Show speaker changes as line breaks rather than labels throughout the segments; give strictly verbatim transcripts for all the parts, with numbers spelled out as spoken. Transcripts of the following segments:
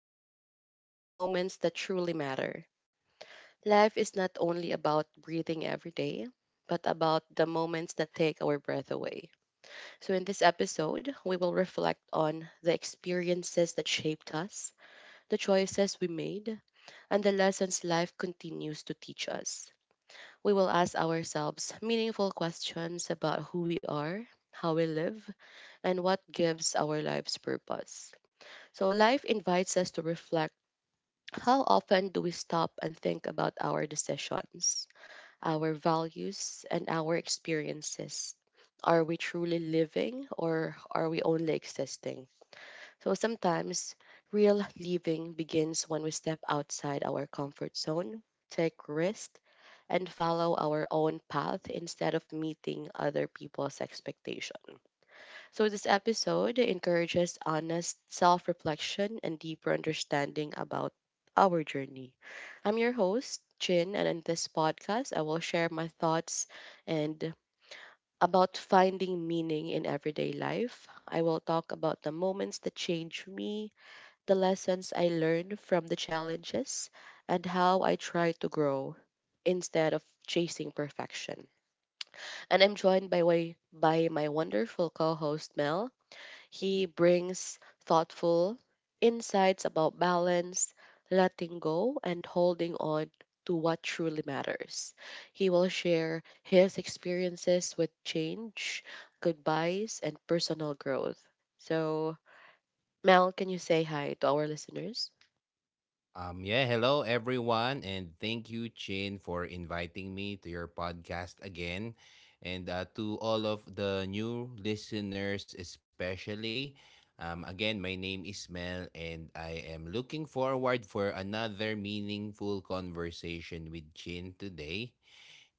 life and the moments that truly matter. Life is not only about breathing every day, but about the moments that take our breath away. So, in this episode, we will reflect on the experiences that shaped us, the choices we made, and the lessons life continues to teach us. We will ask ourselves meaningful questions about who we are, how we live, and what gives our lives purpose. So, life invites us to reflect. How often do we stop and think about our decisions, our values, and our experiences? Are we truly living, or are we only existing? So, sometimes real living begins when we step outside our comfort zone, take risks, and follow our own path instead of meeting other people's expectations. So, this episode encourages honest self reflection and deeper understanding about our journey. I'm your host, Chin, and in this podcast, I will share my thoughts and about finding meaning in everyday life. I will talk about the moments that change me, the lessons I learned from the challenges, and how I try to grow instead of chasing perfection. And I'm joined by way by my wonderful co-host Mel. He brings thoughtful insights about balance, letting go, and holding on to what truly matters. He will share his experiences with change, goodbyes, and personal growth. So, Mel, can you say hi to our listeners?
Um, yeah, Hello everyone, and thank you, Chin, for inviting me to your podcast again. And uh, to all of the new listeners, especially, um, again, my name is Mel, and I am looking forward for another meaningful conversation with Chin today.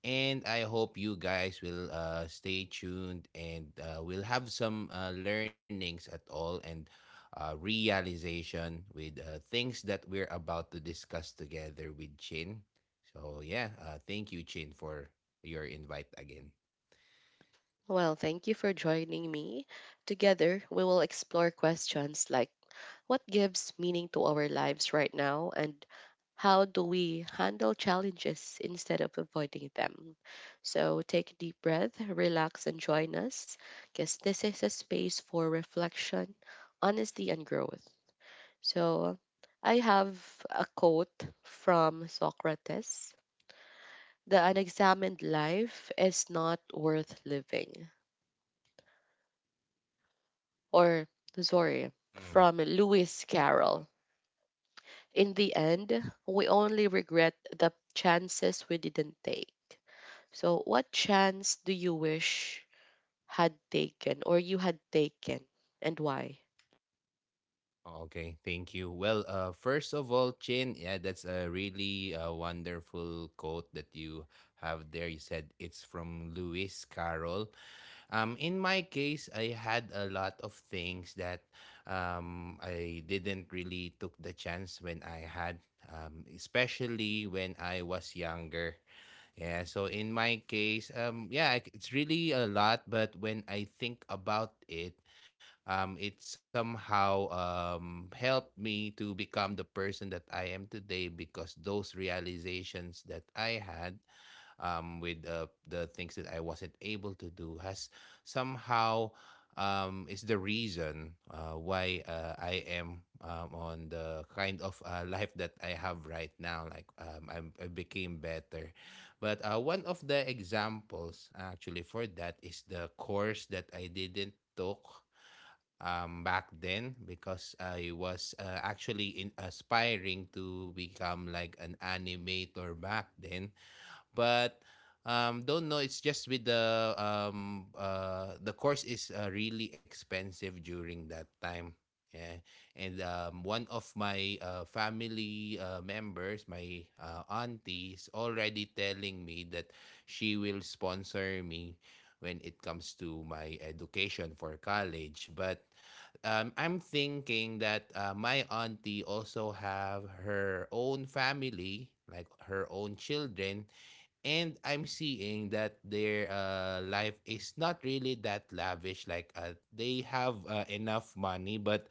And I hope you guys will uh, stay tuned and uh, we'll have some uh, learnings at all and uh, realization with uh, things that we're about to discuss together with Chin. So, yeah, uh, thank you, Chin, for your invite again.
Well, thank you for joining me. Together, we will explore questions like what gives meaning to our lives right now, and how do we handle challenges instead of avoiding them. So take a deep breath, relax, and join us, because this is a space for reflection, honesty, and growth. So I have a quote from Socrates. The unexamined life is not worth living. Or sorry, from Lewis Carroll. In the end, we only regret the chances we didn't take. So, what chance do you wish had taken or you had taken, and why?
Okay, thank you. Well, uh, first of all, Chin, yeah, that's a really uh, wonderful quote that you have there. You said it's from Lewis Carroll. Um, in my case, I had a lot of things that um, I didn't really took the chance when I had, um, especially when I was younger. Yeah, so in my case, um, yeah, I c- it's really a lot, but when I think about it, um, it somehow um, helped me to become the person that I am today because those realizations that I had um, with uh, the things that I wasn't able to do has somehow um, is the reason uh, why uh, I am um, on the kind of uh, life that I have right now. Like um, I'm, I became better. But uh, one of the examples actually for that is the course that I didn't took um, back then because I was uh, actually in aspiring to become like an animator back then but um don't know, it's just with the um uh the course is uh, really expensive during that time, yeah. And um one of my uh, family uh, members, my uh, auntie, is already telling me that she will sponsor me when it comes to my education for college. But um, I'm thinking that uh, my auntie also have her own family, like her own children, and I'm seeing that their uh, life is not really that lavish. Like uh, they have uh, enough money, but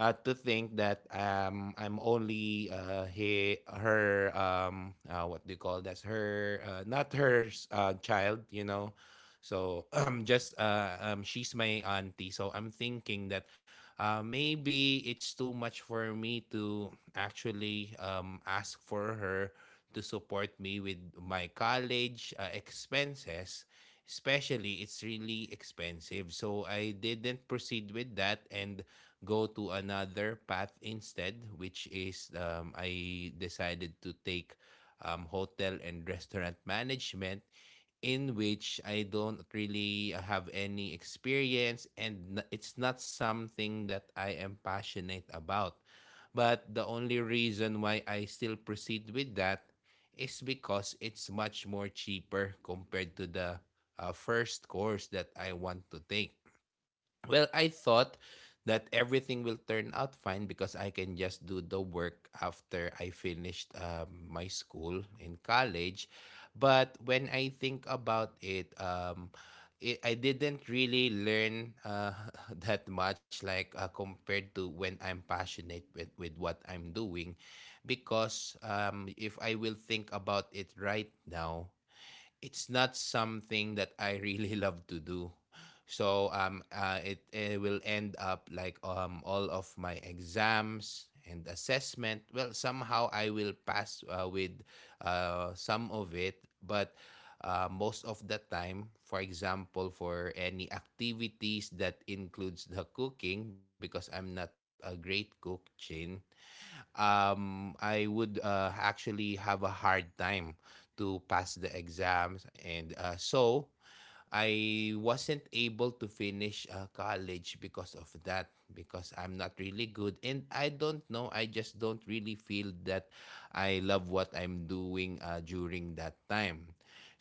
uh, to think that um, I'm only uh, he, her um, uh, what do you call, that's her uh, not her s- uh, child, you know. So um, just uh, um, she's my auntie. So I'm thinking that uh, maybe it's too much for me to actually um, ask for her to support me with my college uh, expenses, especially it's really expensive. So I didn't proceed with that and go to another path instead, which is um, I decided to take um, hotel and restaurant management, in which I don't really have any experience, and n- it's not something that I am passionate about. But the only reason why I still proceed with that is because it's much more cheaper compared to the uh, first course that I want to take. Well, I thought that everything will turn out fine because I can just do the work after I finished um, my school in college. But when I think about it, um, it I didn't really learn uh, that much, like uh, compared to when I'm passionate with, with what I'm doing. Because um, if I will think about it right now, it's not something that I really love to do. So um uh, it, it will end up like um all of my exams and assessment. Well, somehow I will pass uh, with uh, some of it, but uh, most of the time, for example, for any activities that includes the cooking, because I'm not a great cook, Chin, um, I would uh, actually have a hard time to pass the exams. And uh, so I wasn't able to finish uh, college because of that, because I'm not really good. And I don't know, I just don't really feel that I love what I'm doing uh, during that time.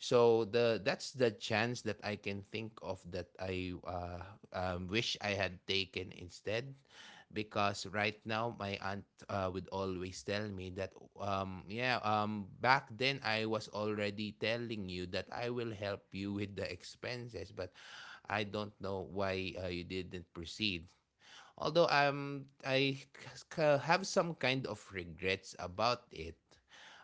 So the that's the chance that I can think of that I uh, um, wish I had taken instead, because right now my aunt uh, would always tell me that um yeah um back then I was already telling you that I will help you with the expenses, but I don't know why uh, you didn't proceed. Although um I c- have some kind of regrets about it,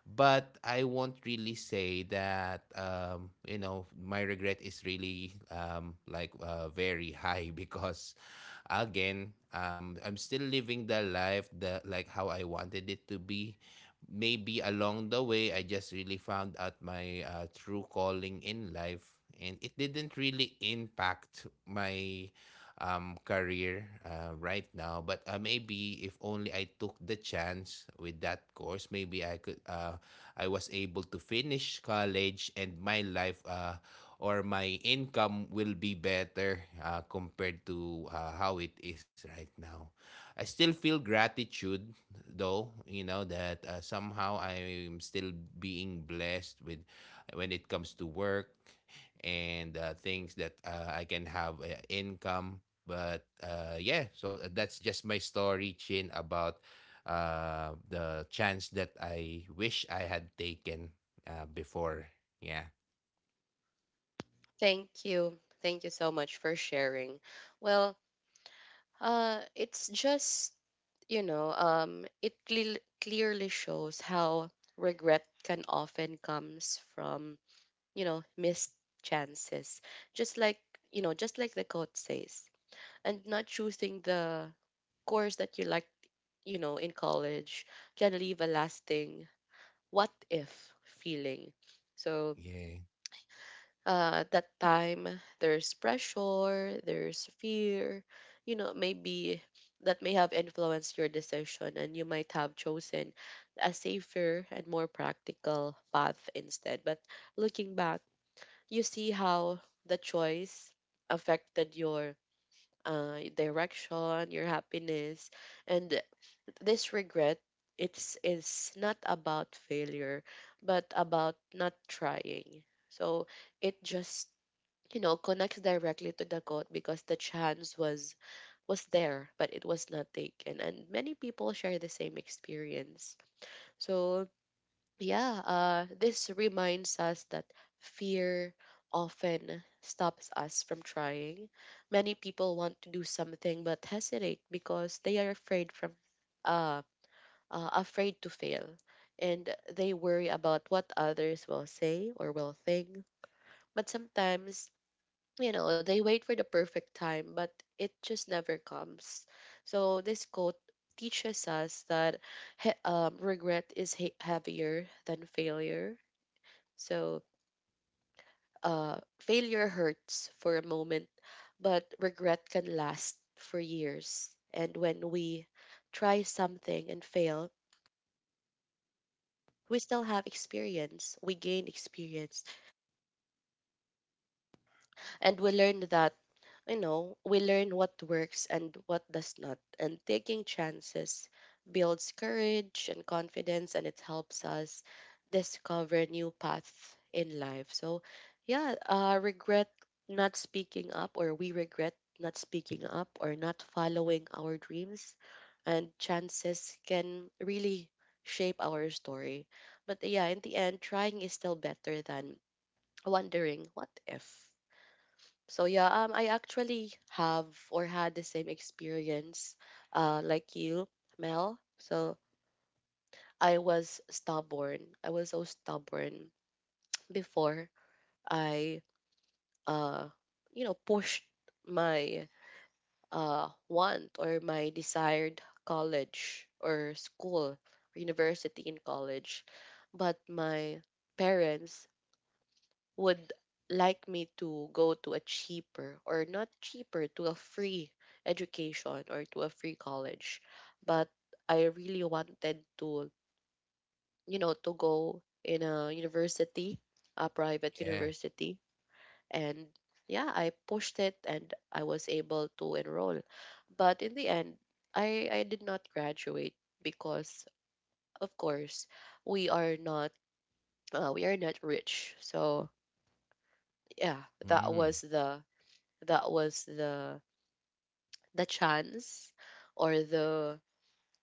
but I won't really say that um you know, my regret is really um like uh, very high, because again, um I'm still living the life that like how I wanted it to be. Maybe along the way I just really found out my uh, true calling in life, and it didn't really impact my um, career uh, right now. But uh, maybe if only I took the chance with that course, maybe I could. Uh, I was able to finish college, and my life uh, or my income will be better uh, compared to uh, how it is right now. I still feel gratitude, though. You know that uh, somehow I am still being blessed with when it comes to work and uh, things that uh, I can have uh, income. But uh, yeah, so uh, that's just my story, Chin, about uh, the chance that I wish I had taken uh, before. Yeah.
Thank you. Thank you so much for sharing. Well, uh, it's just, you know, um, it cle- clearly shows how regret can often comes from, you know, missed chances. Just like, you know, just like the quote says, and not choosing the course that you liked, you know, in college can leave a lasting what if feeling. So,
Yeah.
uh, at that time, there's pressure, there's fear, you know, maybe that may have influenced your decision, and you might have chosen a safer and more practical path instead. But looking back, you see how the choice affected your uh, direction, your happiness, and this regret. It's is not about failure, but about not trying. So it just, you know, connects directly to the quote because the chance was was there, but it was not taken. And many people share the same experience. So yeah, uh, this reminds us that fear often stops us from trying. Many people want to do something but hesitate because they are afraid from uh, uh, afraid to fail, and they worry about what others will say or will think. But sometimes, you know, they wait for the perfect time, but it just never comes. So this quote teaches us that he- um, regret is he- heavier than failure. So, uh, failure hurts for a moment, but regret can last for years. And when we try something and fail, we still have experience. We gain experience, and we learn that, you know, we learn what works and what does not. And taking chances builds courage and confidence, and it helps us discover new paths in life. So yeah, uh, regret not speaking up, or we regret not speaking up or not following our dreams, and chances can really shape our story. But yeah, in the end, trying is still better than wondering what if. So yeah, um, I actually have or had the same experience, uh, like you, Mel. So I was stubborn. I was so stubborn before I, uh, you know, pushed my uh want, or my desired college or school or university in college, but my parents would like me to go to a cheaper, or not cheaper, to a free education, or to a free college. But I really wanted to, you know, to go in a university, a private
Yeah.
university. And yeah, I pushed it, and I was able to enroll. But in the end, i i did not graduate because, of course, we are not uh, we are not rich. So yeah, that
Mm.
was the that was the the chance or the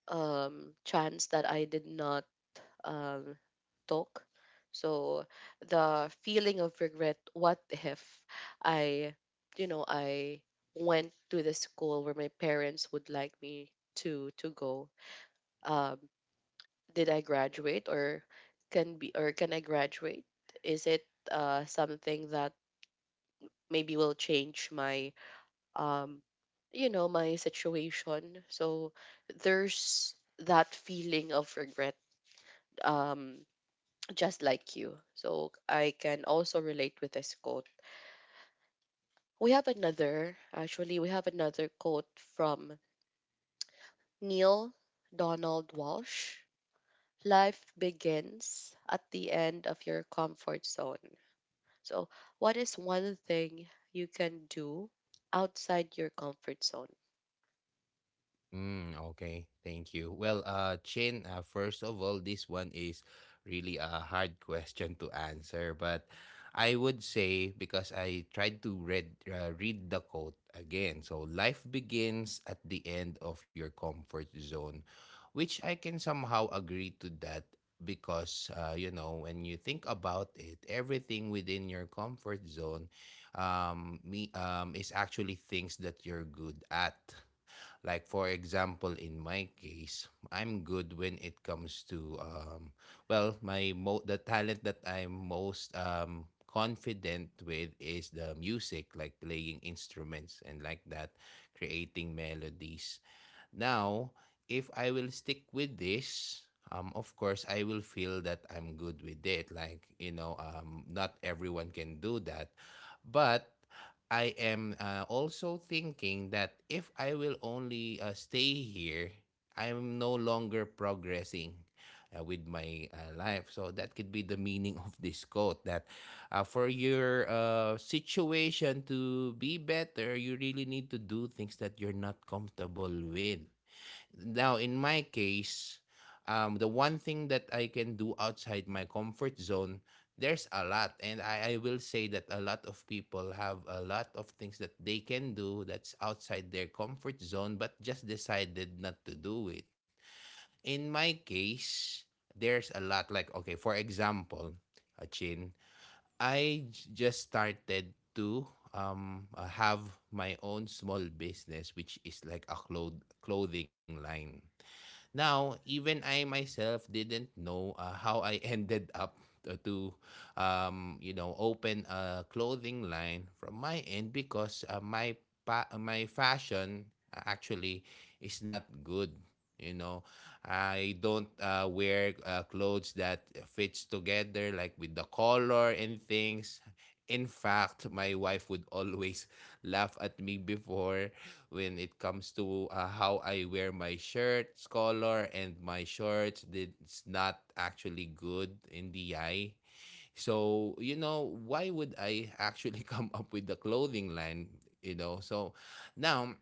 um chance that I did not um talk. So the feeling of regret, what if I, you know, I went to the school where my parents would like me to to go. Um, did I graduate, or can be, or can I graduate? Is it uh something that maybe will change my um you know, my situation? So there's that feeling of regret, um just like you, so I can also relate with this quote. We have another, actually, we have another quote from Neil Donald Walsh. Life begins at the end of your comfort zone. So what is one thing you can do outside your comfort zone?
Mm, okay, thank you. Well, uh, Chin, uh, first of all, this one is really a hard question to answer, but I would say, because I tried to read uh, read the quote again. So life begins at the end of your comfort zone, which I can somehow agree to that, because uh, you know, when you think about it, everything within your comfort zone, um, me um, is actually things that you're good at. Like for example, in my case, I'm good when it comes to um well, my mo- the talent that I'm most um confident with is the music, like playing instruments and like that, creating melodies. Now, if I will stick with this, um, of course, I will feel that I'm good with it. Like, you know, um, not everyone can do that. But I am uh, also thinking that if I will only uh, stay here, I'm no longer progressing uh, with my uh, life. So that could be the meaning of this quote, that uh, for your uh, situation to be better, you really need to do things that you're not comfortable with. Now in my case, um the one thing that I can do outside my comfort zone, there's a lot. And I, I will say that a lot of people have a lot of things that they can do that's outside their comfort zone but just decided not to do it. In my case, there's a lot. Like okay, for example, Achin, i j- just started to um uh, have my own small business, which is like a cloth clothing line. Now, even I myself didn't know uh, how I ended up uh, to, um, you know, open a clothing line from my end, because uh, my pa- uh, my fashion uh, actually is not good. You know, I don't uh, wear uh, clothes that fits together, like with the color and things. In fact, my wife would always laugh at me before when it comes to uh, how I wear my shirts color and my shorts. It's not actually good in the eye. So, you know, why would I actually come up with the clothing line? You know, so now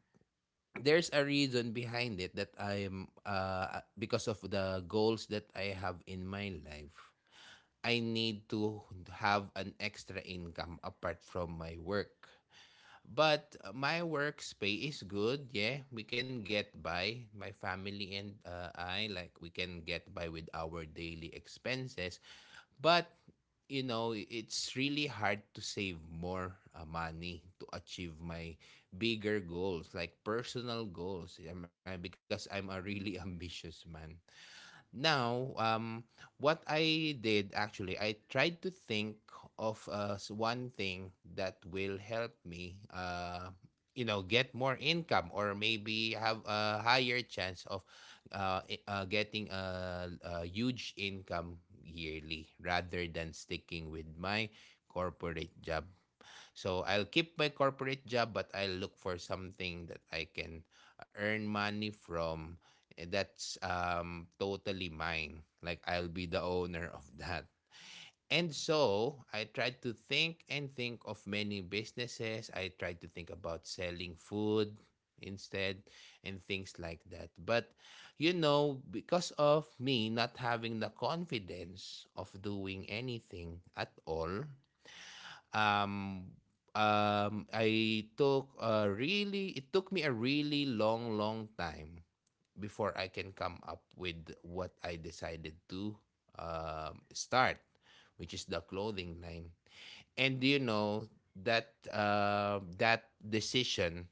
there's a reason behind it, that I'm, uh, because of the goals that I have in my life, I need to have an extra income apart from my work. But uh, my work's pay is good. Yeah, we can get by. My family and uh, I, like we can get by with our daily expenses. But you know, it's really hard to save more uh, money to achieve my bigger goals, like personal goals. I mean, because I'm a really ambitious man. Now, um, what I did actually, I tried to think of uh, s- one thing that will help me, uh, you know, get more income, or maybe have a higher chance of uh, i- uh, getting a, a huge income yearly, rather than sticking with my corporate job. So I'll keep my corporate job, but I'll look for something that I can uh, earn money from, eh, that's um, totally mine. Like I'll be the owner of that. And so I tried to think and think of many businesses. I tried to think about selling food instead and things like that. But you know, because of me not having the confidence of doing anything at all, um um I took a really it took me a really long long time before I can come up with what I decided to um start, which is the clothing line. And you know that uh, that decision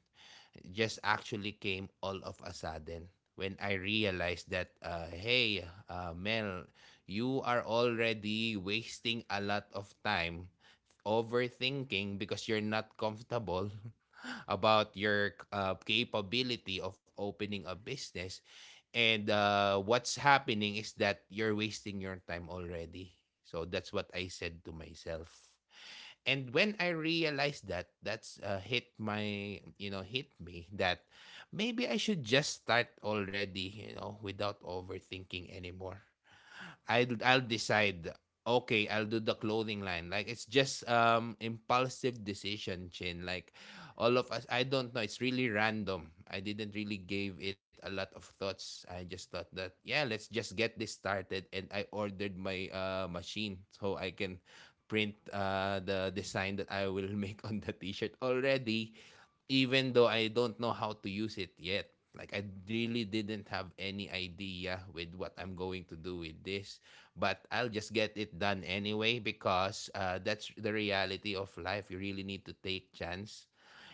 just actually came all of a sudden when I realized that, uh, hey, uh, Mel, you are already wasting a lot of time overthinking because you're not comfortable about your uh, capability of opening a business. And uh, what's happening is that you're wasting your time already. So that's what I said to myself. And when I realized that, that's uh, hit my, you know, hit me that maybe I should just start already, you know, without overthinking anymore. I'll I'll decide, okay, I'll do the clothing line. Like it's just um impulsive decision, Chin. Like all of us, I don't know, it's really random. I didn't really give it a lot of thoughts. I just thought that, yeah, let's just get this started, and I ordered my uh machine so I can print uh the design that I will make on the t-shirt already, even though I don't know how to use it yet. Like I really didn't have any idea with what I'm going to do with this, but I'll just get it done anyway because uh, that's the reality of life. You really need to take chance,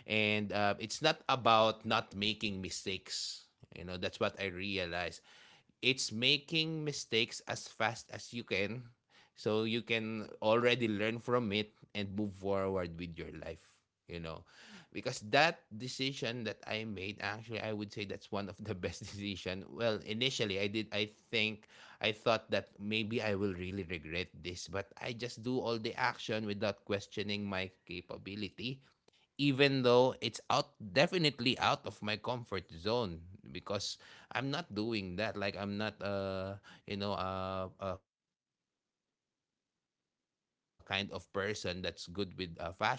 and uh, it's not about not making mistakes. You know, that's what I realized: it's making mistakes as fast as you can so you can already learn from it and move forward with your life, you know, because that decision that I made, actually I would say that's one of the best decision. Well, initially I did, I think I thought that maybe I will really regret this, but I just do all the action without questioning my capability, even though it's out, definitely out of my comfort zone, because I'm not doing that. Like I'm not uh you know uh, a kind of person that's good with uh, fashion, but I still do it anyway.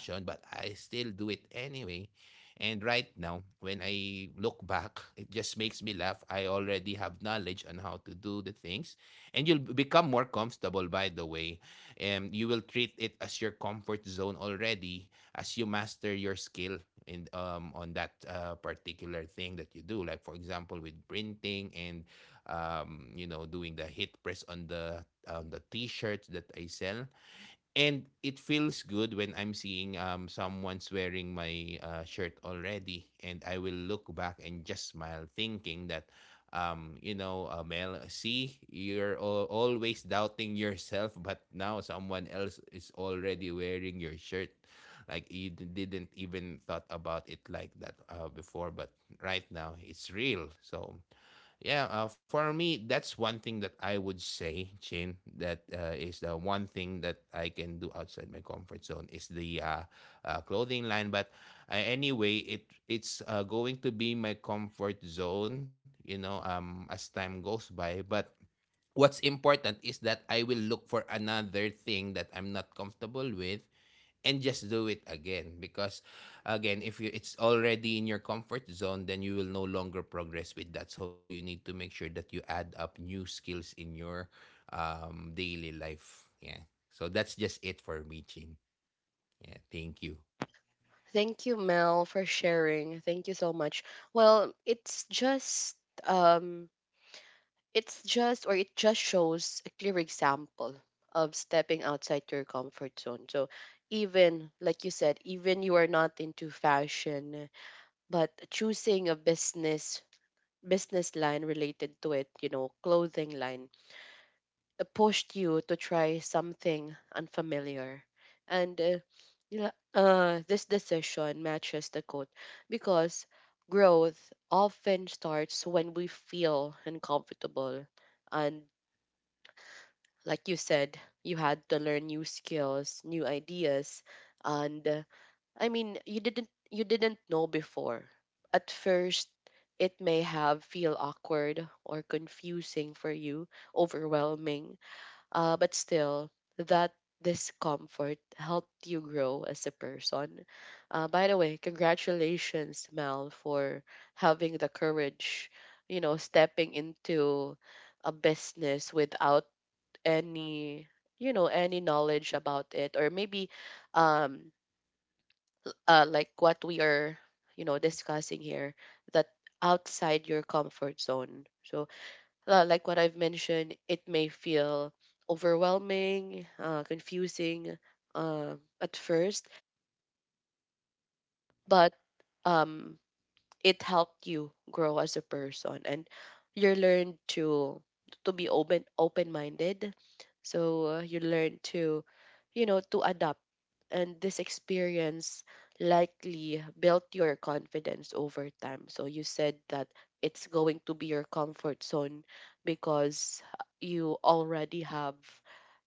And right now when I look back, it just makes me laugh. I already have knowledge on how to do the things, and you'll b- become more comfortable, by the way. Um, you will treat it as your comfort zone already as you master your skill in um on that uh, particular thing that you do, like for example with printing and um you know doing the hit press on the on the t-shirts that I sell. And it feels good when I'm seeing um someone's wearing my uh, shirt already, and I will look back and just smile, thinking that, um, you know, uh, Mel, see, you're al- always doubting yourself, but now someone else is already wearing your shirt. Like you d- didn't even thought about it like that uh, before, but right now it's real. So yeah, uh, for me, that's one thing that I would say, Chin. That uh, is the one thing that I can do outside my comfort zone is the uh, uh, clothing line. But uh, anyway, it it's uh, going to be my comfort zone, you know, um, as time goes by. But what's important is that I will look for another thing that I'm not comfortable with and just do it again, because again, if you it's already in your comfort zone, then you will no longer progress with that, so you need to make sure that you add up new skills in your um daily life. Yeah, so that's just it for me, Chin. Yeah, thank you.
Thank you, Mel, for sharing. Thank you so much. Well, it's just um it's just, or it just shows a clear example of stepping outside your comfort zone. So even like you said, even you are not into fashion, but choosing a business business line related to it, you know, clothing line, uh, pushed you to try something unfamiliar. And uh, you know, uh, this decision matches the quote because growth often starts when we feel uncomfortable. And like you said, you had to learn new skills, new ideas, and uh, I mean, you didn't you didn't know before. At first, it may have feel awkward or confusing for you, overwhelming, uh, but still, that discomfort helped you grow as a person. Uh, by the way, congratulations, Mel, for having the courage, you know, stepping into a business without any, you know, any knowledge about it, or maybe, um, uh, like what we are, you know, discussing here, that outside your comfort zone. So uh, like what I've mentioned, it may feel overwhelming, uh, confusing, uh, at first, but um, it helped you grow as a person, and you learn to to be open open minded. So uh, you learn to, you know, to adapt, and this experience likely built your confidence over time. So you said that it's going to be your comfort zone because you already have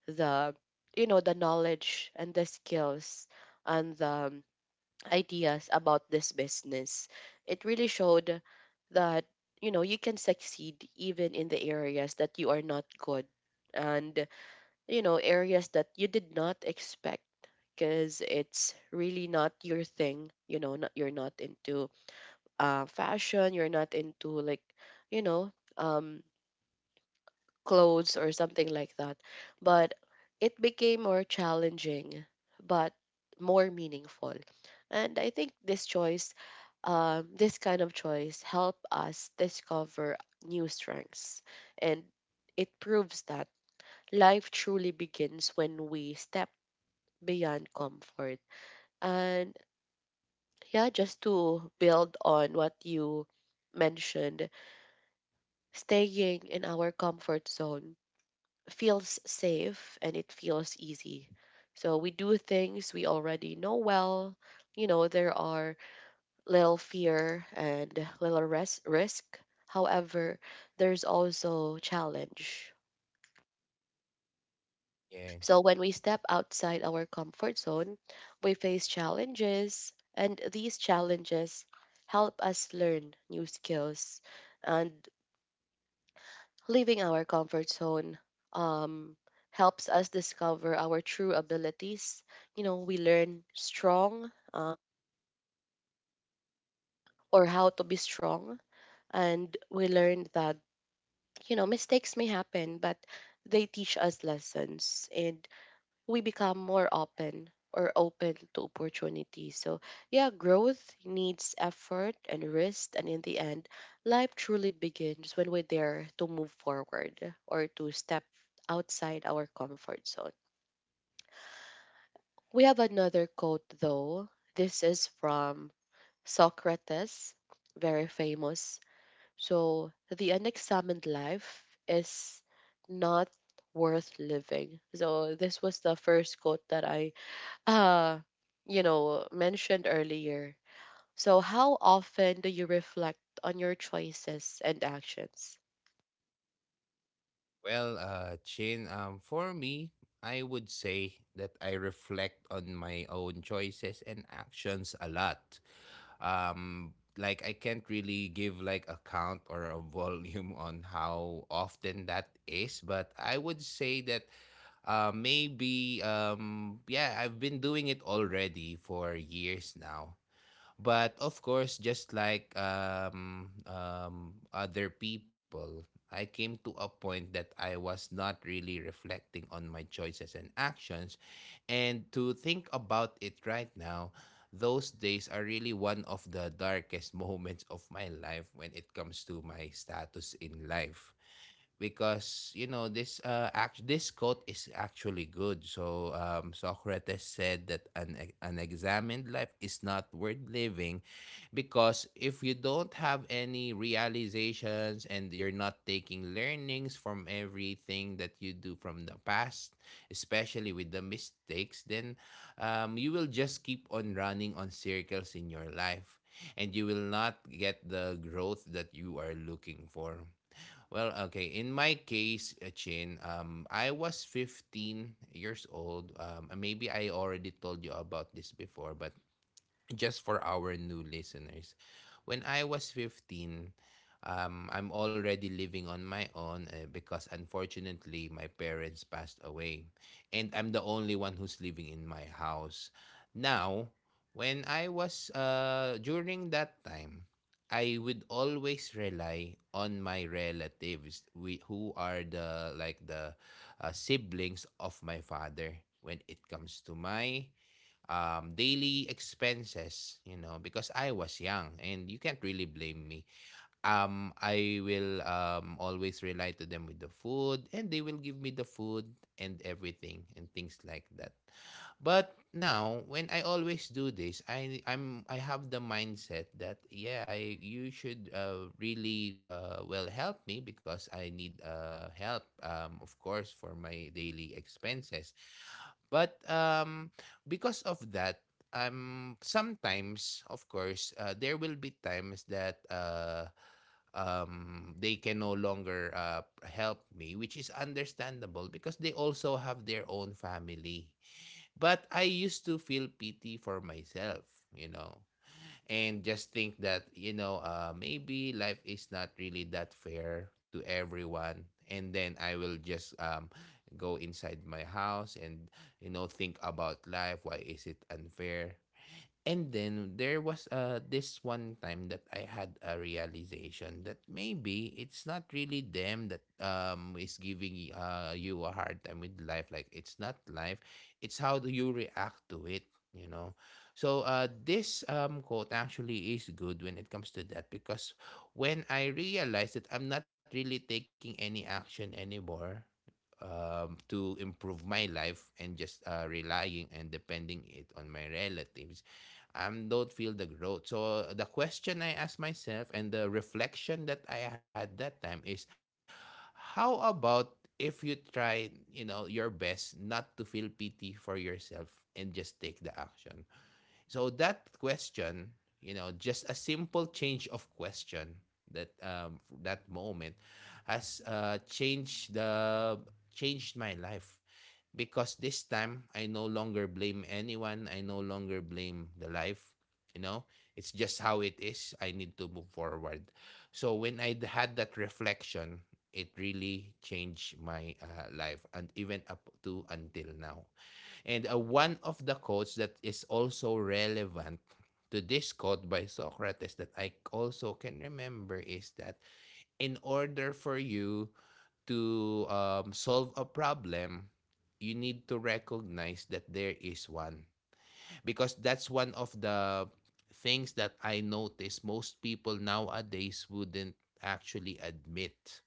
the, you know, the knowledge and the skills, and the um, ideas about this business. It really showed that, you know, you can succeed even in the areas that you are not good, and you know, areas that you did not expect, because it's really not your thing, you know. Not, you're not into uh, fashion, you're not into like, you know, um, clothes or something like that. But it became more challenging but more meaningful. And I think this choice, um, this kind of choice help us discover new strengths. And it proves that life truly begins when we step beyond comfort. And yeah, just to build on what you mentioned, staying in our comfort zone feels safe and it feels easy. So we do things we already know well. You know, there are little fear and little res- risk. However, there's also challenge.
Yeah,
So when we step outside our comfort zone, we face challenges, and these challenges help us learn new skills. And leaving our comfort zone um, helps us discover our true abilities. You know, we learn strong uh, or how to be strong, and we learn that, you know, mistakes may happen, but they teach us lessons, and we become more open, or open to opportunity. So, yeah, growth needs effort and risk. And in the end, life truly begins when we dare to move forward, or to step outside our comfort zone. We have another quote, though. This is from Socrates, very famous. So, the unexamined life is not worth living. So, this was the first quote that I uh you know, mentioned earlier. So how often do you reflect on your choices and actions?
well, uh Chin, um for me, I would say that I reflect on my own choices and actions a lot. Um, like I can't really give like a count or a volume on how often that is, but I would say that uh, maybe um yeah, I've been doing it already for years now. But of course, just like um um other people, I came to a point that I was not really reflecting on my choices and actions, and to think about it right now, those days are really one of the darkest moments of my life when it comes to my status in life. Because you know this uh act this quote is actually good. So um Socrates said that an e- an examined life is not worth living, because if you don't have any realizations and you're not taking learnings from everything that you do from the past, especially with the mistakes, then um you will just keep on running on circles in your life, and you will not get the growth that you are looking for. Well, okay. In my case, uh, Chin, um, I was fifteen years old. Um, uh, maybe I already told you about this before, but just for our new listeners, when I was fifteen, um, I'm already living on my own uh, because unfortunately my parents passed away. And I'm the only one who's living in my house. Now, when I was, uh, during that time, I would always rely on my relatives we, who are the like the uh, siblings of my father, when it comes to my um, daily expenses, you know, because I was young and you can't really blame me. Um, I will um, always rely to them with the food, and they will give me the food and everything and things like that. But now when I always do this, I I'm I have the mindset that yeah, I you should uh, really uh, well help me because I need uh, help, um, of course, for my daily expenses. But um, because of that, um, sometimes, of course, uh, there will be times that uh, um, they can no longer uh, help me, which is understandable because they also have their own family. But I used to feel pity for myself, you know, and just think that, you know, uh, maybe life is not really that fair to everyone, and then I will just um, go inside my house and, you know, think about life, why is it unfair. And then there was uh, this one time that I had a realization that maybe it's not really them that um, is giving y- uh, you a hard time with life. Like it's not life, it's how do you react to it, you know? So uh, this um, quote actually is good when it comes to that, because when I realized that I'm not really taking any action anymore, um, to improve my life and just uh, relying and depending it on my relatives, um, don't feel the growth. So the question I asked myself and the reflection that I had that time is, how about if you try, you know, your best not to feel pity for yourself and just take the action? So that question, you know, just a simple change of question, that um that moment has uh changed the changed my life, because this time I no longer blame anyone. I no longer blame the life. You know, it's just how it is. I need to move forward. So when I had that reflection, it really changed my uh, life, and even up to until now. And uh, one of the quotes that is also relevant to this quote by Socrates that I also can remember is that in order for you to um, solve a problem, you need to recognize that there is one. Because that's one of the things that I notice most people nowadays wouldn't actually admit.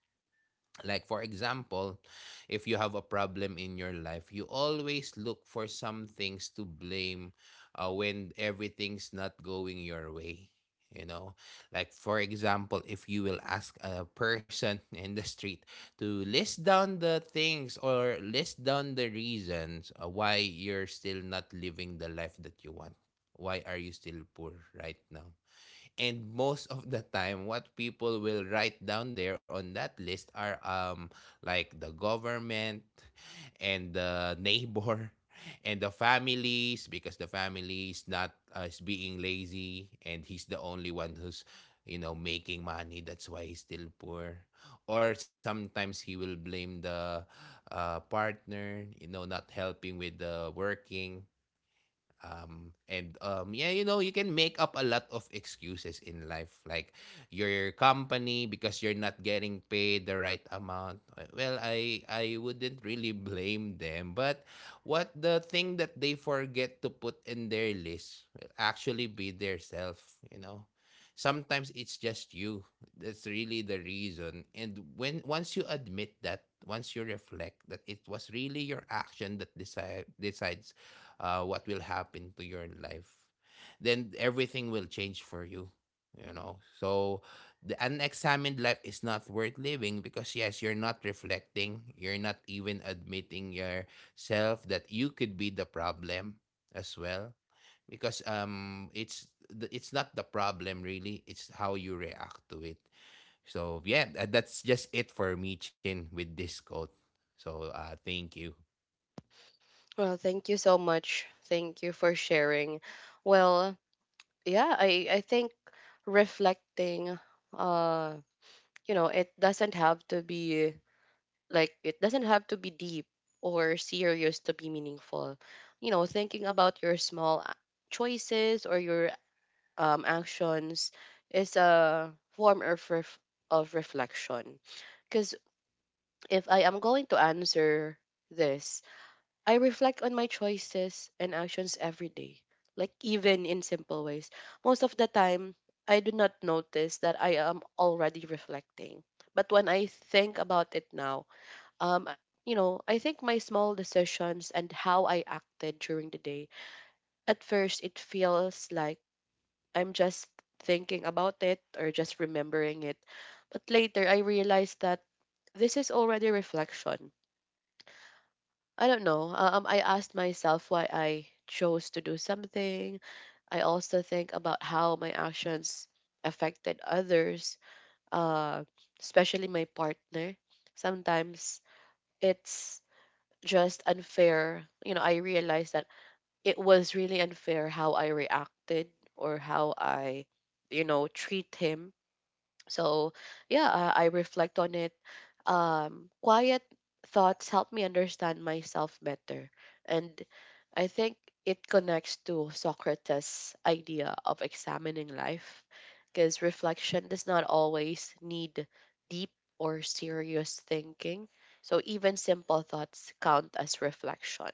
Like, for example, if you have a problem in your life, you always look for some things to blame uh, when everything's not going your way. You know, like, for example, if you will ask a person in the street to list down the things or list down the reasons uh, why you're still not living the life that you want, why are you still poor right now? And most of the time, what people will write down there on that list are um like the government and the neighbor and the families, because the family is not uh, is being lazy and he's the only one who's, you know, making money, that's why he's still poor. Or sometimes he will blame the uh, partner, you know, not helping with the working, um, and um, yeah, you know, you can make up a lot of excuses in life, like your company because you're not getting paid the right amount. Uh, Well, I I wouldn't really blame them, but what the thing that they forget to put in their list will actually be their self. You know, sometimes it's just you. That's really the reason. And when once you admit that, once you reflect that it was really your action that decide decides uh, what will happen to your life, then everything will change for you. You know, so the unexamined life is not worth living, because yes, you're not reflecting, you're not even admitting yourself that you could be the problem as well. Because um, it's the, it's not the problem really; it's how you react to it. So yeah, tha- that's just it for me, Chin, with this quote. So uh, thank you.
Well, thank you so much. Thank you for sharing. Well, yeah, i i think reflecting, uh you know, it doesn't have to be like, it doesn't have to be deep or serious to be meaningful. You know, thinking about your small a- choices or your um, actions is a form of ref- of reflection. Because if I am going to answer this, I reflect on my choices and actions every day, like even in simple ways. Most of the time, I do not notice that I am already reflecting. But when I think about it now, um, you know, I think my small decisions and how I acted during the day, at first it feels like I'm just thinking about it or just remembering it. But later, I realized that this is already reflection. I don't know. uh, Um, I asked myself why I chose to do something. I also think about how my actions affected others, uh, especially my partner. Sometimes it's just unfair. You know, I realized that it was really unfair how I reacted or how I, you know, treat him. So, yeah, uh, I reflect on it. Um, quiet thoughts help me understand myself better. And I think it connects to Socrates' idea of examining life because reflection does not always need deep or serious thinking. So, even simple thoughts count as reflection.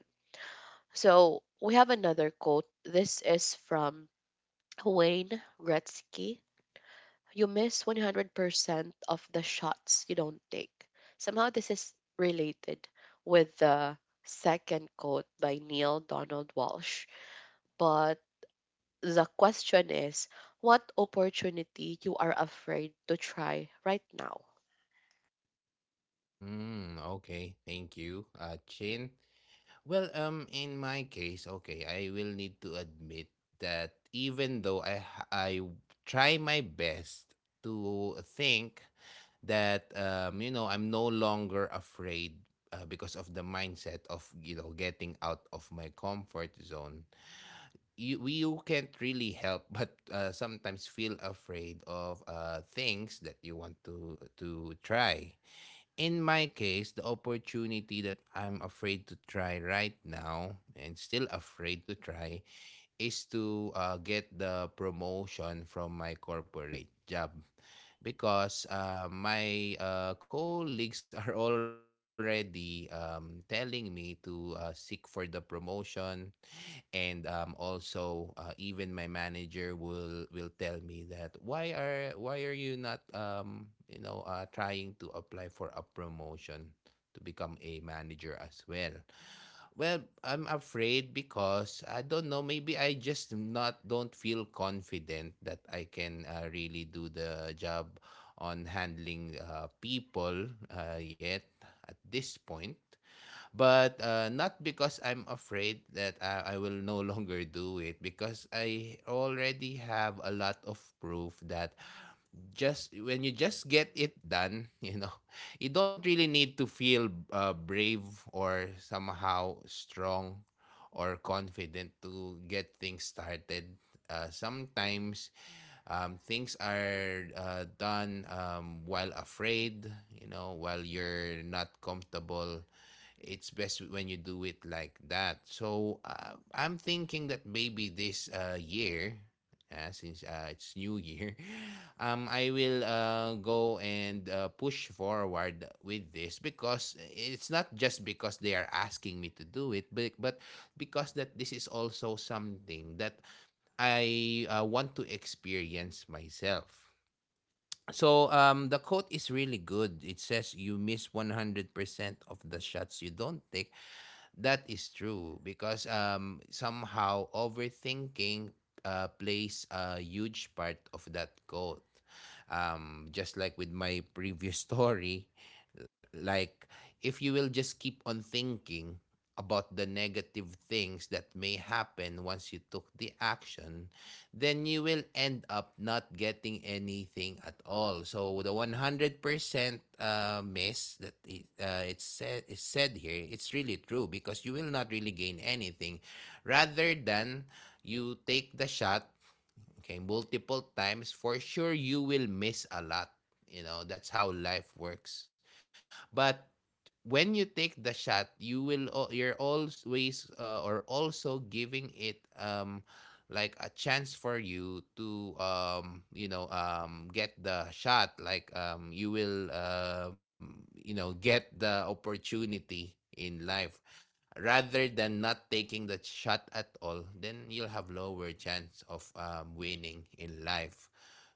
So, we have another quote. This is from Wayne Gretzky. You miss one hundred percent of the shots you don't take. Somehow this is related with the second quote by Neil Donald Walsh. But the question is, what opportunity you are afraid to try right now?
Mm, okay, thank you, uh, Chin. Well, um, in my case, okay, I will need to admit that even though I h- I w- try my best to think that um, you know, I'm no longer afraid uh, because of the mindset of you know getting out of my comfort zone. You we- you can't really help but uh, sometimes feel afraid of uh things that you want to to try. In my case, the opportunity that I'm afraid to try right now and still afraid to try is to uh, get the promotion from my corporate job because uh, my uh, colleagues are already um, telling me to uh, seek for the promotion, and um, also uh, even my manager will will tell me that why are why are you not um, you know uh, trying to apply for a promotion to become a manager as well. Well, I'm afraid because I don't know. Maybe I just not don't feel confident that I can uh, really do the job on handling uh, people uh, yet at this point. But uh, not because I'm afraid that I, I will no longer do it, because I already have a lot of proof that just when you just get it done, you know, you don't really need to feel uh, brave or somehow strong or confident to get things started. Uh, sometimes um, things are uh, done um, while afraid, you know, while you're not comfortable. It's best when you do it like that. So uh, I'm thinking that maybe this uh, year, uh, since uh, it's new year, um, I will uh, go and uh, push forward with this because it's not just because they are asking me to do it, but, but because that this is also something that I uh, want to experience myself. So um, the quote is really good. It says you miss one hundred percent of the shots you don't take. That is true because um, somehow overthinking uh, plays a huge part of that quote. Um, just like with my previous story, like, if you will just keep on thinking about the negative things that may happen once you took the action, then you will end up not getting anything at all. So the one hundred percent uh, miss that it, uh, it's said, is said here, it's really true because you will not really gain anything, rather than you take the shot. Okay, multiple times for sure you will miss a lot, you know, that's how life works. But when you take the shot, you will you're always uh, or also giving it um like a chance for you to um you know um get the shot, like um you will um you know get the opportunity in life, rather than not taking the shot at all, then you'll have lower chance of um, winning in life.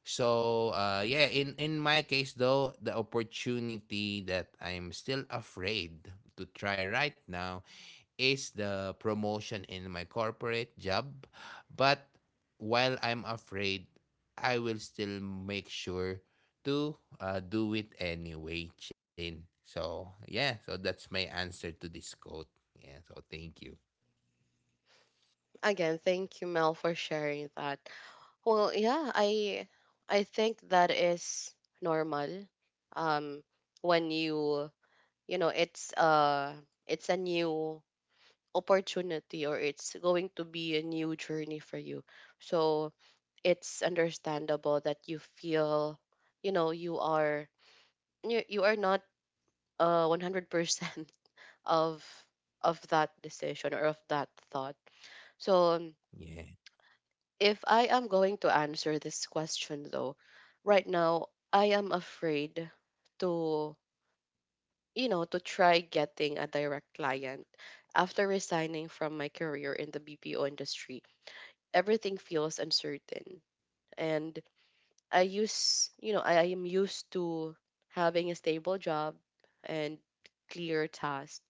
So uh, yeah, in in my case though, the opportunity that I'm still afraid to try right now is the promotion in my corporate job. But while I'm afraid, I will still make sure to uh, do it anyway, Chin. So, yeah. So, that's my answer to this quote. Yeah. So, thank you.
Again, thank you, Mel, for sharing that. Well, yeah, I I think that is normal. Um when you you know, it's uh it's a new opportunity or it's going to be a new journey for you. So it's understandable that you feel, you know, you are you, you are not uh one hundred percent of of that decision or of that thought. So um,
Yeah.
if I am going to answer this question though, right now I am afraid to you know to try getting a direct client after resigning from my career in the B P O industry. Everything feels uncertain. And I use, you know, I, I am used to having a stable job and clear tasks.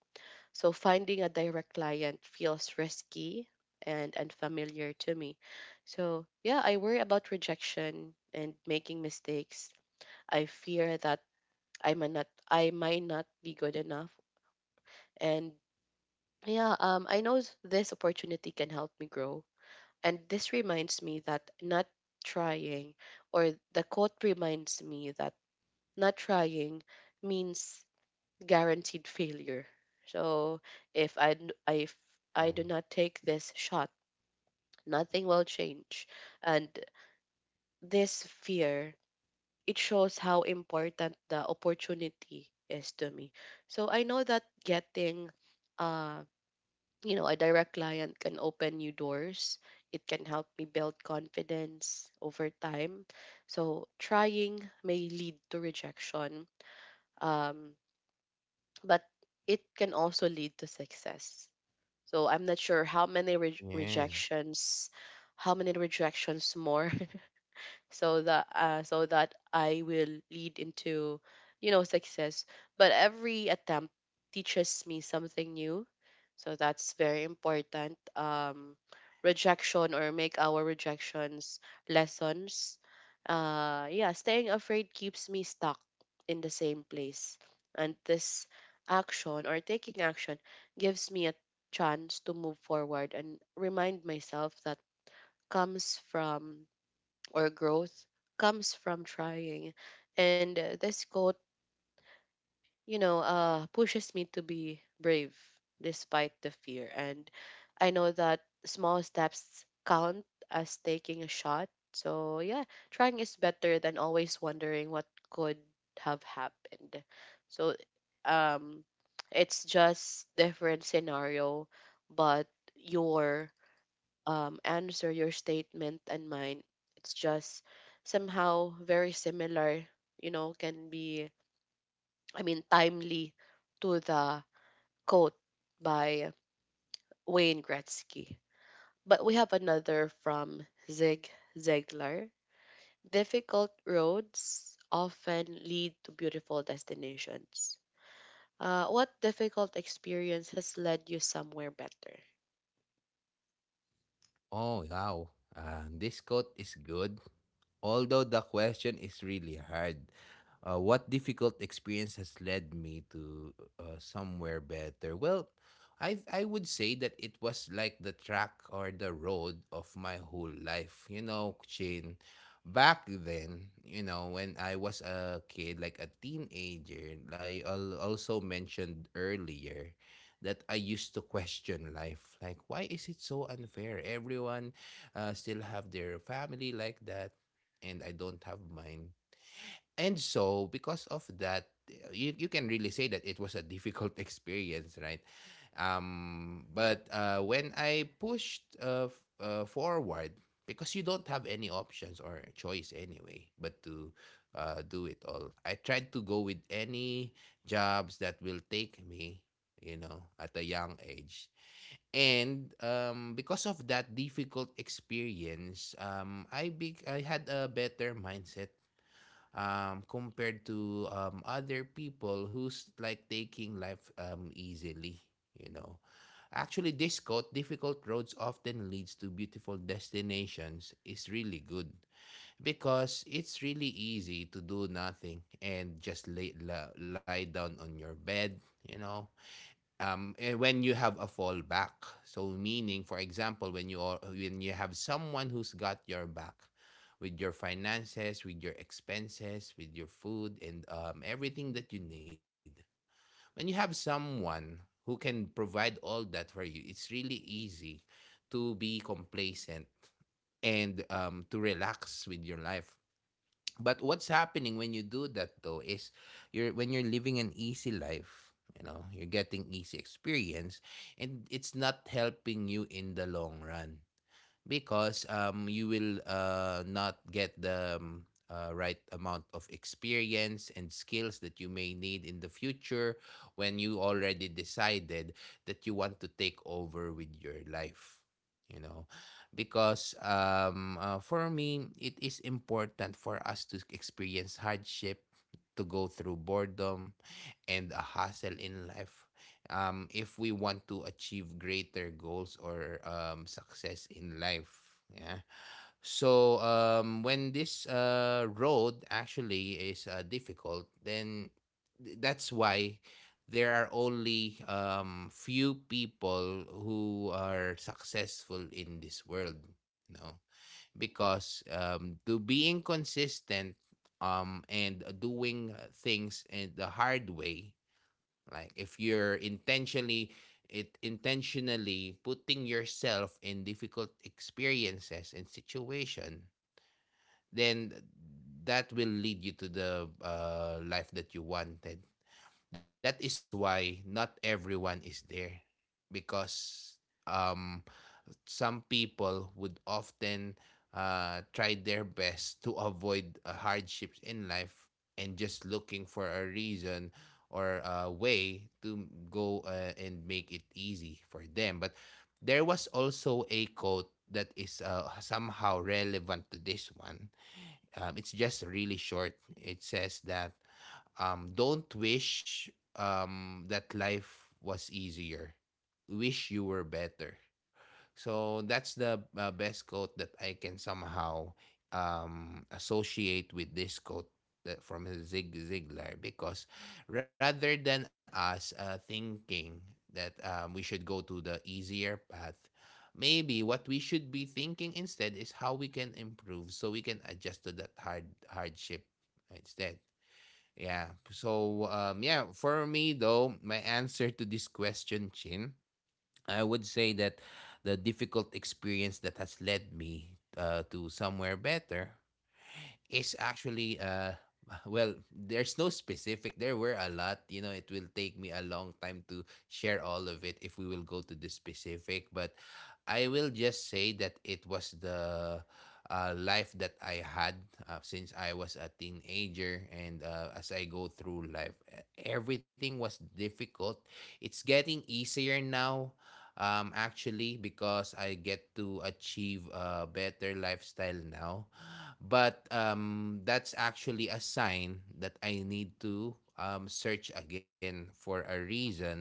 So finding a direct client feels risky and unfamiliar to me. So, yeah, I worry about rejection and making mistakes. I fear that I might not I might not be good enough. And yeah, um, I know s- this opportunity can help me grow. And this reminds me that not trying, or the quote reminds me that not trying means guaranteed failure. So if I, n- if
Yeah.
I do not take this shot, nothing will change. And this fear, it shows how important the opportunity is to me. So I know that getting uh you know, a direct client can open new doors. It can help me build confidence over time. So trying may lead to rejection, um, but it can also lead to success. So I'm not sure how many re-
Yeah.
rejections, how many rejections more, so that uh, so that I will lead into, you know, success. But every attempt teaches me something new, so that's very important. Um, rejection or make our rejections lessons. Uh, yeah, staying afraid keeps me stuck in the same place. And this action or taking action gives me a chance to move forward and remind myself that comes from or growth comes from trying. And uh, this quote you know, uh, pushes me to be brave despite the fear. And I know that small steps count as taking a shot. So, yeah, trying is better than always wondering what could have happened. So, um, it's just different scenario, but your um, answer, your statement, and mine, it's just somehow very similar. You know, can be, I mean, timely to the quote by Wayne Gretzky. But we have another from Zig Ziglar. Difficult roads often lead to beautiful destinations. Uh, what difficult experience has led you somewhere better?
Oh, wow. Uh, this quote is good. Although the question is really hard. Uh, what difficult experience has led me to uh, somewhere better? Well, I I would say that it was like the track or the road of my whole life. You know, Chin. Back then, you know, when I was a kid, like a teenager, I al- also mentioned earlier that I used to question life. Like, why is it so unfair? Everyone uh, still have their family like that, and I don't have mine. And so, because of that, you, you can really say that it was a difficult experience, right? Um, but uh, when I pushed uh, f- uh, forward, because you don't have any options or choice anyway, but to uh, do it all, I tried to go with any jobs that will take me, you know, at a young age. And um, because of that difficult experience, um, I big I had a better mindset um, compared to um, other people who's like taking life um, easily, you know. Actually, this quote, difficult roads often leads to beautiful destinations, is really good because it's really easy to do nothing and just lay, la- lie down on your bed, you know, um, eh, when you have a fallback. So meaning, for example, when you are, when you have someone who's got your back with your finances, with your expenses, with your food, and um, everything that you need. When you have someone who can provide all that for you, it's really easy to be complacent and um, to relax with your life. But what's happening when you do that though is you're when you're living an easy life, you know, you're getting easy experience, and it's not helping you in the long run because um, you will uh, not get the um, uh, right amount of experience and skills that you may need in the future, when you already decided that you want to take over with your life, you know, because um, uh, for me it is important for us to experience hardship, to go through boredom and a hustle in life, um, if we want to achieve greater goals or um, success in life. Yeah. So um, when this uh, road actually is uh, difficult, then th- that's why there are only um, few people who are successful in this world. No, because um, to being consistent um, and uh, doing uh, things in the hard way, like if you're intentionally it intentionally putting yourself in difficult experiences and situation, then that will lead you to the uh, life that you wanted. That is why not everyone is there, because um some people would often uh, try their best to avoid uh, hardships in life and just looking for a reason or a way to go uh, and make it easy for them. But there was also a quote that is uh, somehow relevant to this one. Um, it's just really short. It says that um, don't wish um, that life was easier, wish you were better. So that's the uh, best quote that I can somehow um, associate with this quote that from Zig Ziglar, because rather than us uh, thinking that um, we should go to the easier path, maybe what we should be thinking instead is how we can improve so we can adjust to that hard hardship instead. Yeah. So um, yeah, for me though, my answer to this question, Chin, I would say that the difficult experience that has led me uh, to somewhere better is actually uh well there's no specific there were a lot, you know, it will take me a long time to share all of it if we will go to the specific, but I will just say that it was the uh, life that I had uh, since I was a teenager, and uh, as I go through life, e- everything was difficult. It's getting easier now, um actually, because I get to achieve a better lifestyle now, but um, that's actually a sign that I need to um, search again for a reason,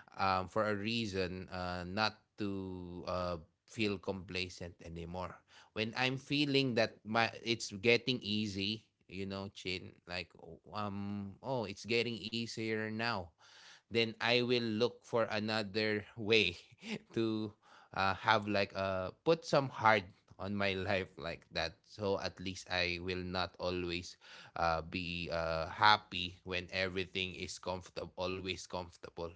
um, for a reason uh, not to uh, feel complacent anymore. When I'm feeling that my it's getting easy, you know, Chin, like oh, um, oh, it's getting easier now, then I will look for another way to uh, have like uh put some hard on my life like that, so at least I will not always uh, be uh, happy when everything is comfortable always comfortable.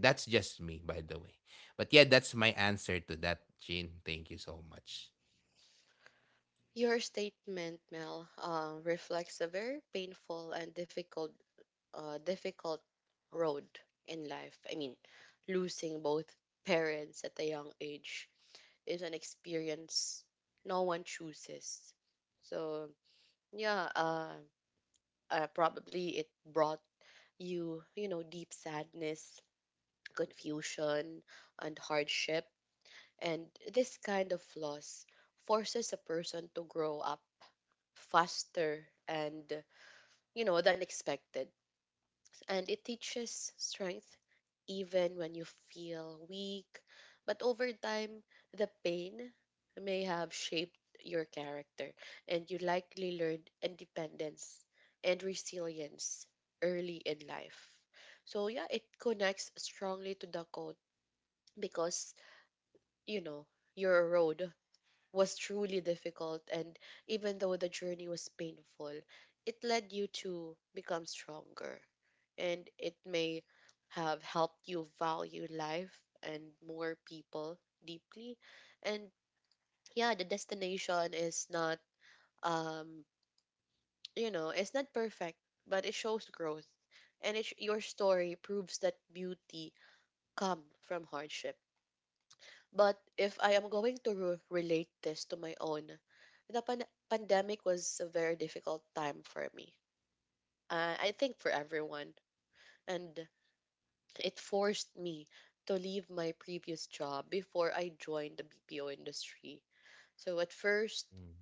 That's just me by the way. But yeah, that's my answer to that, Jin. Thank you so much.
Your statement, Mel, uh, reflects a very painful and difficult, uh, difficult road in life. I mean, losing both parents at a young age is an experience no one chooses. So yeah, uh, uh, probably it brought you, you know, deep sadness, confusion, and hardship. And this kind of loss forces a person to grow up faster and you know than expected, and it teaches strength even when you feel weak. But over time, the pain may have shaped your character, and you likely learned independence and resilience early in life. So, yeah, it connects strongly to the quote because, you know, your road was truly difficult, and even though the journey was painful, it led you to become stronger, and it may have helped you value life and more people deeply. And yeah, the destination is not um you know, it's not perfect, but it shows growth. And it, sh- your story proves that beauty come from hardship. But if I am going to re- relate this to my own, the pan- pandemic was a very difficult time for me. Uh, I think for everyone. And it forced me to leave my previous job before I joined the B P O industry. So at first,
Mm.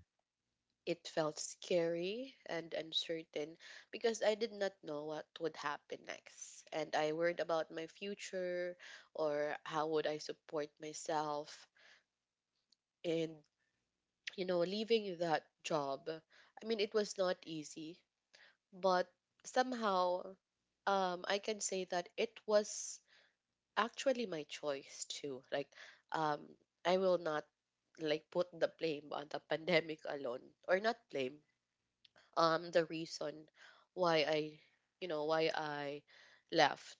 it felt scary and uncertain because I did not know what would happen next. And I worried about my future or how would I support myself. And, you know, leaving that job, I mean, it was not easy, but somehow um, I can say that it was actually my choice too. Like, um, I will not like put the blame on the pandemic alone, or not blame. Um, the reason why I, you know, why I left.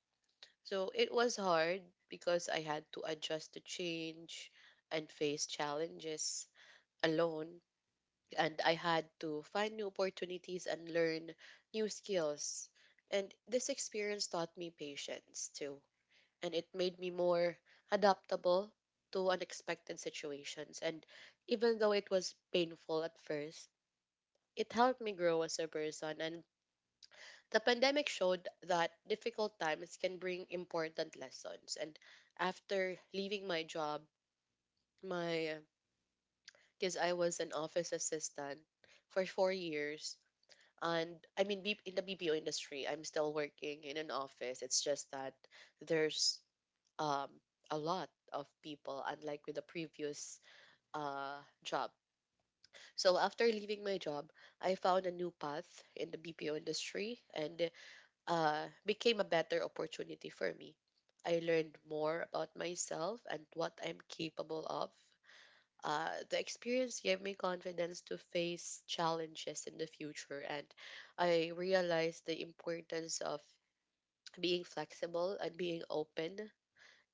So it was hard because I had to adjust to change and face challenges alone, and I had to find new opportunities and learn new skills. And this experience taught me patience too, and it made me more adaptable to unexpected situations. And even though it was painful at first, it helped me grow as a person. And the pandemic showed that difficult times can bring important lessons. And after leaving my job, my because I was an office assistant for four years. And I mean, B- in the B P O industry, I'm still working in an office. It's just that there's um, a lot of people, unlike with the previous uh, job. So after leaving my job, I found a new path in the B P O industry, and uh, became a better opportunity for me. I learned more about myself and what I'm capable of. Uh, the experience gave me confidence to face challenges in the future, and I realized the importance of being flexible and being open,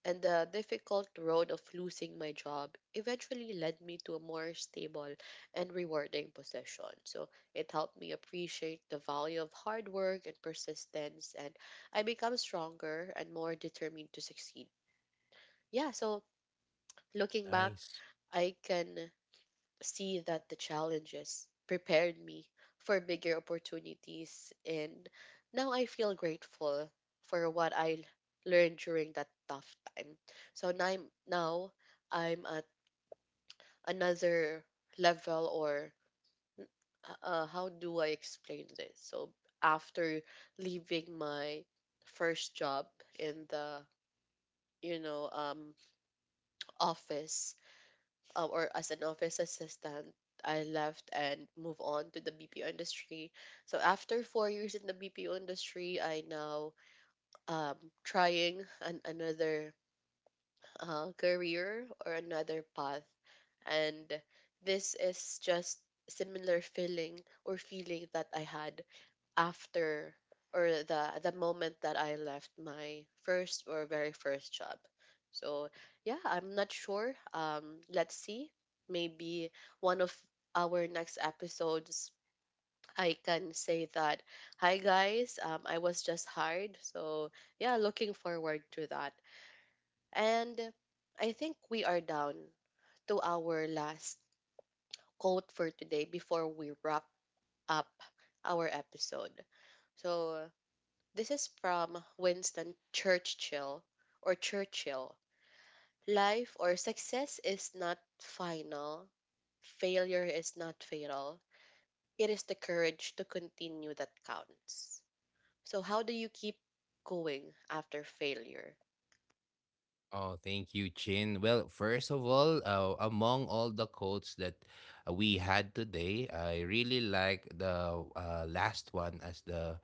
and the difficult road of losing my job eventually led me to a more stable and rewarding position. So it helped me appreciate the value of hard work and persistence, and I become stronger and more determined to succeed. Yeah, so looking back,
Nice.
I can see that the challenges prepared me for bigger opportunities, and now I feel grateful for what I learned during that tough time. So now I'm, now I'm at another level or uh, uh, how do I explain this? So after leaving my first job in the you know um office uh, or as an office assistant, I left and moved on to the B P O industry. So after four years in the B P O industry, I now um trying an, another uh, career or another path, and this is just similar feeling or feeling that I had after or the the moment that I left my first or very first job. So yeah, I'm not sure. Um, let's see. Maybe one of our next episodes, I can say that, hi guys, um, I was just hired. So yeah, looking forward to that. And I think we are down to our last quote for today before we wrap up our episode. So this is from Winston Churchill or Churchill. Life or success is not final, failure is not fatal. It is the courage to continue that counts. So, how do you keep going after failure?
Oh, thank you, Chin. Well, first of all, uh, among all the quotes that uh, we had today, I really like the uh, last one as the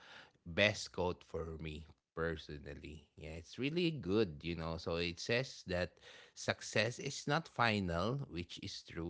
best quote for me personally. Yeah, it's really good, you know. So it says that success is not final, which is true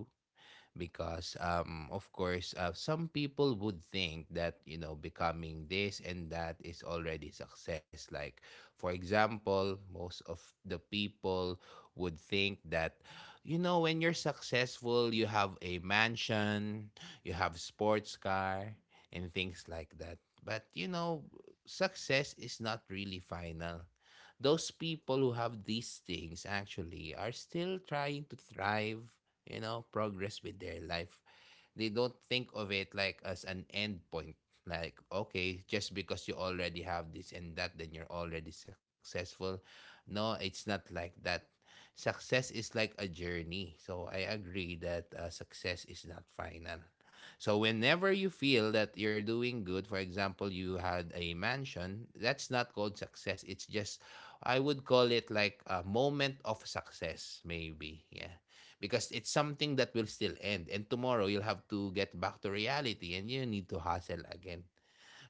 because um of course uh, some people would think that you know becoming this and that is already success, like for example most of the people would think that you know when you're successful you have a mansion, you have sports car and things like that. But you know, success is not really final. Those people who have these things actually are still trying to thrive, you know, progress with their life. They don't think of it like as an end point. Like, okay, just because you already have this and that, then you're already successful. No, it's not like that. Success is like a journey. So I agree that uh, success is not final. So whenever you feel that you're doing good, for example, you had a mansion, that's not called success. It's just I would call it like a moment of success, maybe. Yeah, because it's something that will still end and tomorrow you'll have to get back to reality and you need to hustle again.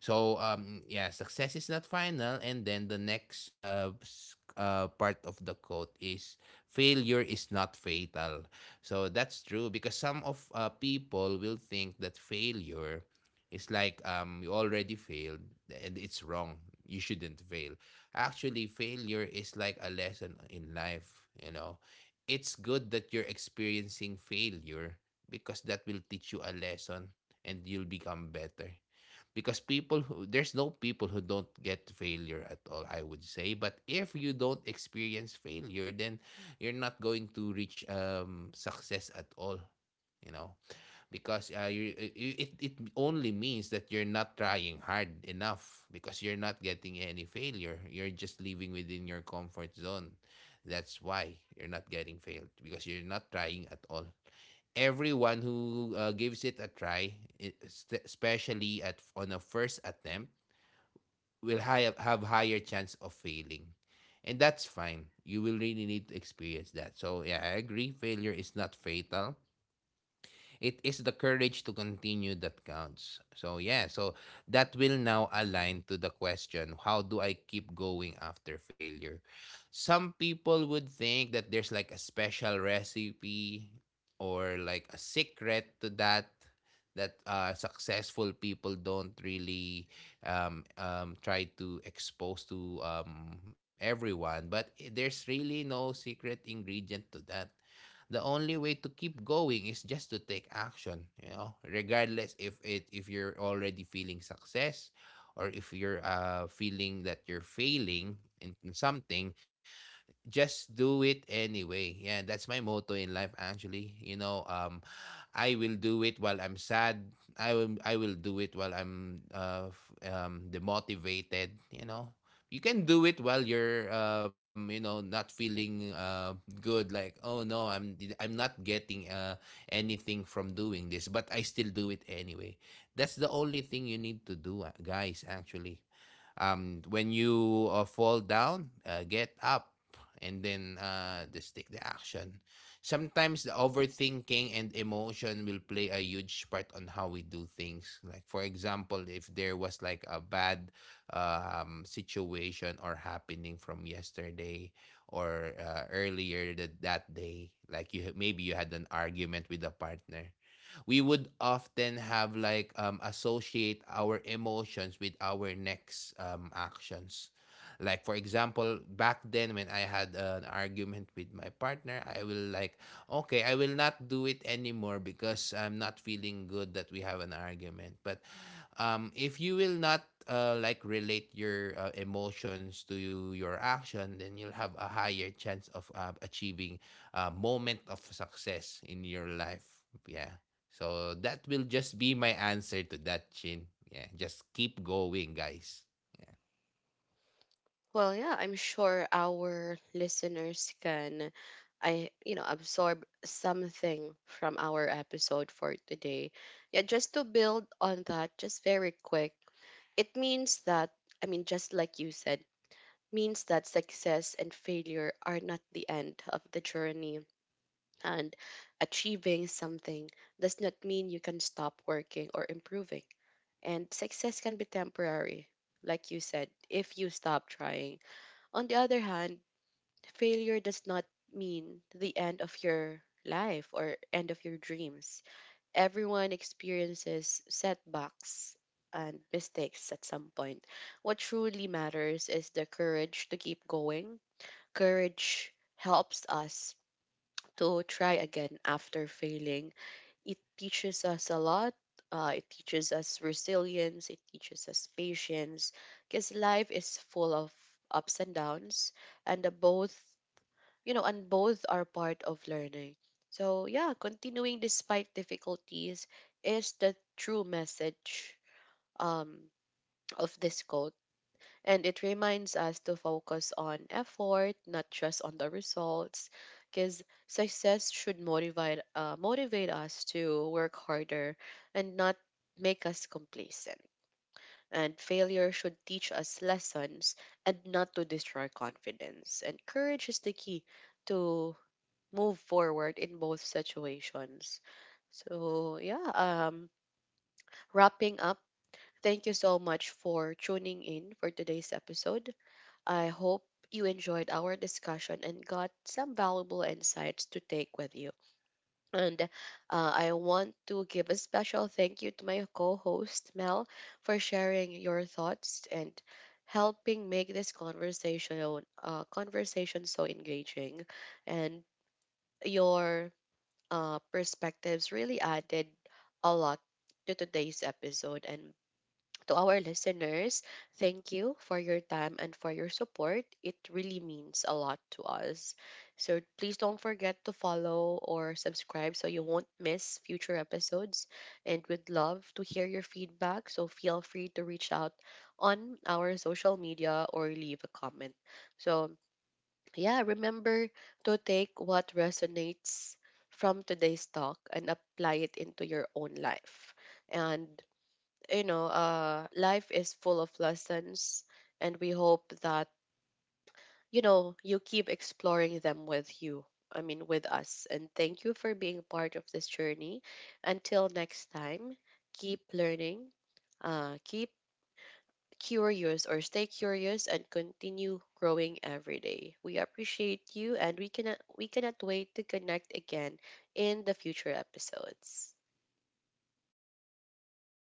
So um yeah, success is not final, and then the next uh, s- uh part of the quote is failure is not fatal. So that's true because some of uh, people will think that failure is like um you already failed and it's wrong. You shouldn't fail. Actually, failure is like a lesson in life, you know. It's good that you're experiencing failure because that will teach you a lesson and you'll become better because people who there's no people who don't get failure at all, I would say, but if you don't experience failure, then you're not going to reach um success at all, you know, because uh, you it, it only means that you're not trying hard enough because you're not getting any failure, you're just living within your comfort zone. That's why you're not getting failed, because you're not trying at all. Everyone who uh, gives it a try, it- es- especially at on a first attempt, will hi- have higher chance of failing, and that's fine. You will really need to experience that. So yeah, I agree, failure is not fatal, it is the courage to continue that counts. So yeah, so that will now align to the question, how do I keep going after failure? Some people would think that there's like a special recipe or like a secret to that, that uh, successful people don't really um, um, try to expose to um, everyone. But i- there's really no secret ingredient to that. The only way to keep going is just to take action, you know, regardless if it, if you're already feeling success or if you're uh, feeling that you're failing in in something. Just do it anyway. Yeah, that's my motto in life, actually, you know. um I will do it while I'm sad. I will I will do it while I'm uh f- um demotivated, you know. You can do it while you're um you know not feeling uh good, like oh no, I'm I'm not getting uh anything from doing this, but I still do it anyway. That's the only thing you need to do, uh, guys, actually. Um, when you uh, fall down, uh, get up and then uh, just take the action. Sometimes the overthinking and emotion will play a huge part on how we do things. Like, for example, if there was like a bad uh, um, situation or happening from yesterday or uh, earlier that, that day, like you maybe you had an argument with a partner. We would often have like um associate our emotions with our next um actions. Like, for example, back then when I had an argument with my partner, I will like okay, I will not do it anymore because I'm not feeling good that we have an argument. But um if you will not uh, like relate your uh, emotions to you, your action, then you'll have a higher chance of uh, achieving a moment of success in your life. Yeah. So that will just be my answer to that, Chin. Yeah, just keep going, guys. Yeah.
Well, yeah, I'm sure our listeners can I you know absorb something from our episode for today. Yeah, just to build on that just very quick. It means that, I mean, just like you said, means that success and failure are not the end of the journey. And achieving something does not mean you can stop working or improving. And success can be temporary, like you said, if you stop trying. On the other hand, failure does not mean the end of your life or end of your dreams. Everyone experiences setbacks and mistakes at some point. What truly matters is the courage to keep going. Courage helps us to try again after failing. It teaches us a lot. Uh, it teaches us resilience. It teaches us patience. Because life is full of ups and downs, and the both you know, and both are part of learning. So, yeah, continuing despite difficulties is the true message um, of this quote. And it reminds us to focus on effort, not just on the results, because success should motivate, uh, motivate us to work harder and not make us complacent. And failure should teach us lessons and not to destroy confidence. And courage is the key to move forward in both situations. So, yeah, um, wrapping up, thank you so much for tuning in for today's episode. I hope you enjoyed our discussion and got some valuable insights to take with you. And uh, I want to give a special thank you to my co host, Mel, for sharing your thoughts and helping make this conversation uh, conversation so engaging, and your uh, perspectives really added a lot to today's episode. And to our listeners, thank you for your time and for your support. It really means a lot to us. So please don't forget to follow or subscribe so you won't miss future episodes. And we'd love to hear your feedback. So feel free to reach out on our social media or leave a comment. So yeah, remember to take what resonates from today's talk and apply it into your own life. And you know, uh, life is full of lessons, and we hope that you know you keep exploring them with you. I mean, with us. And thank you for being part of this journey. Until next time, keep learning, uh, keep curious or stay curious and continue growing every day. We appreciate you, and we cannot we cannot wait to connect again in the future episodes.
Thank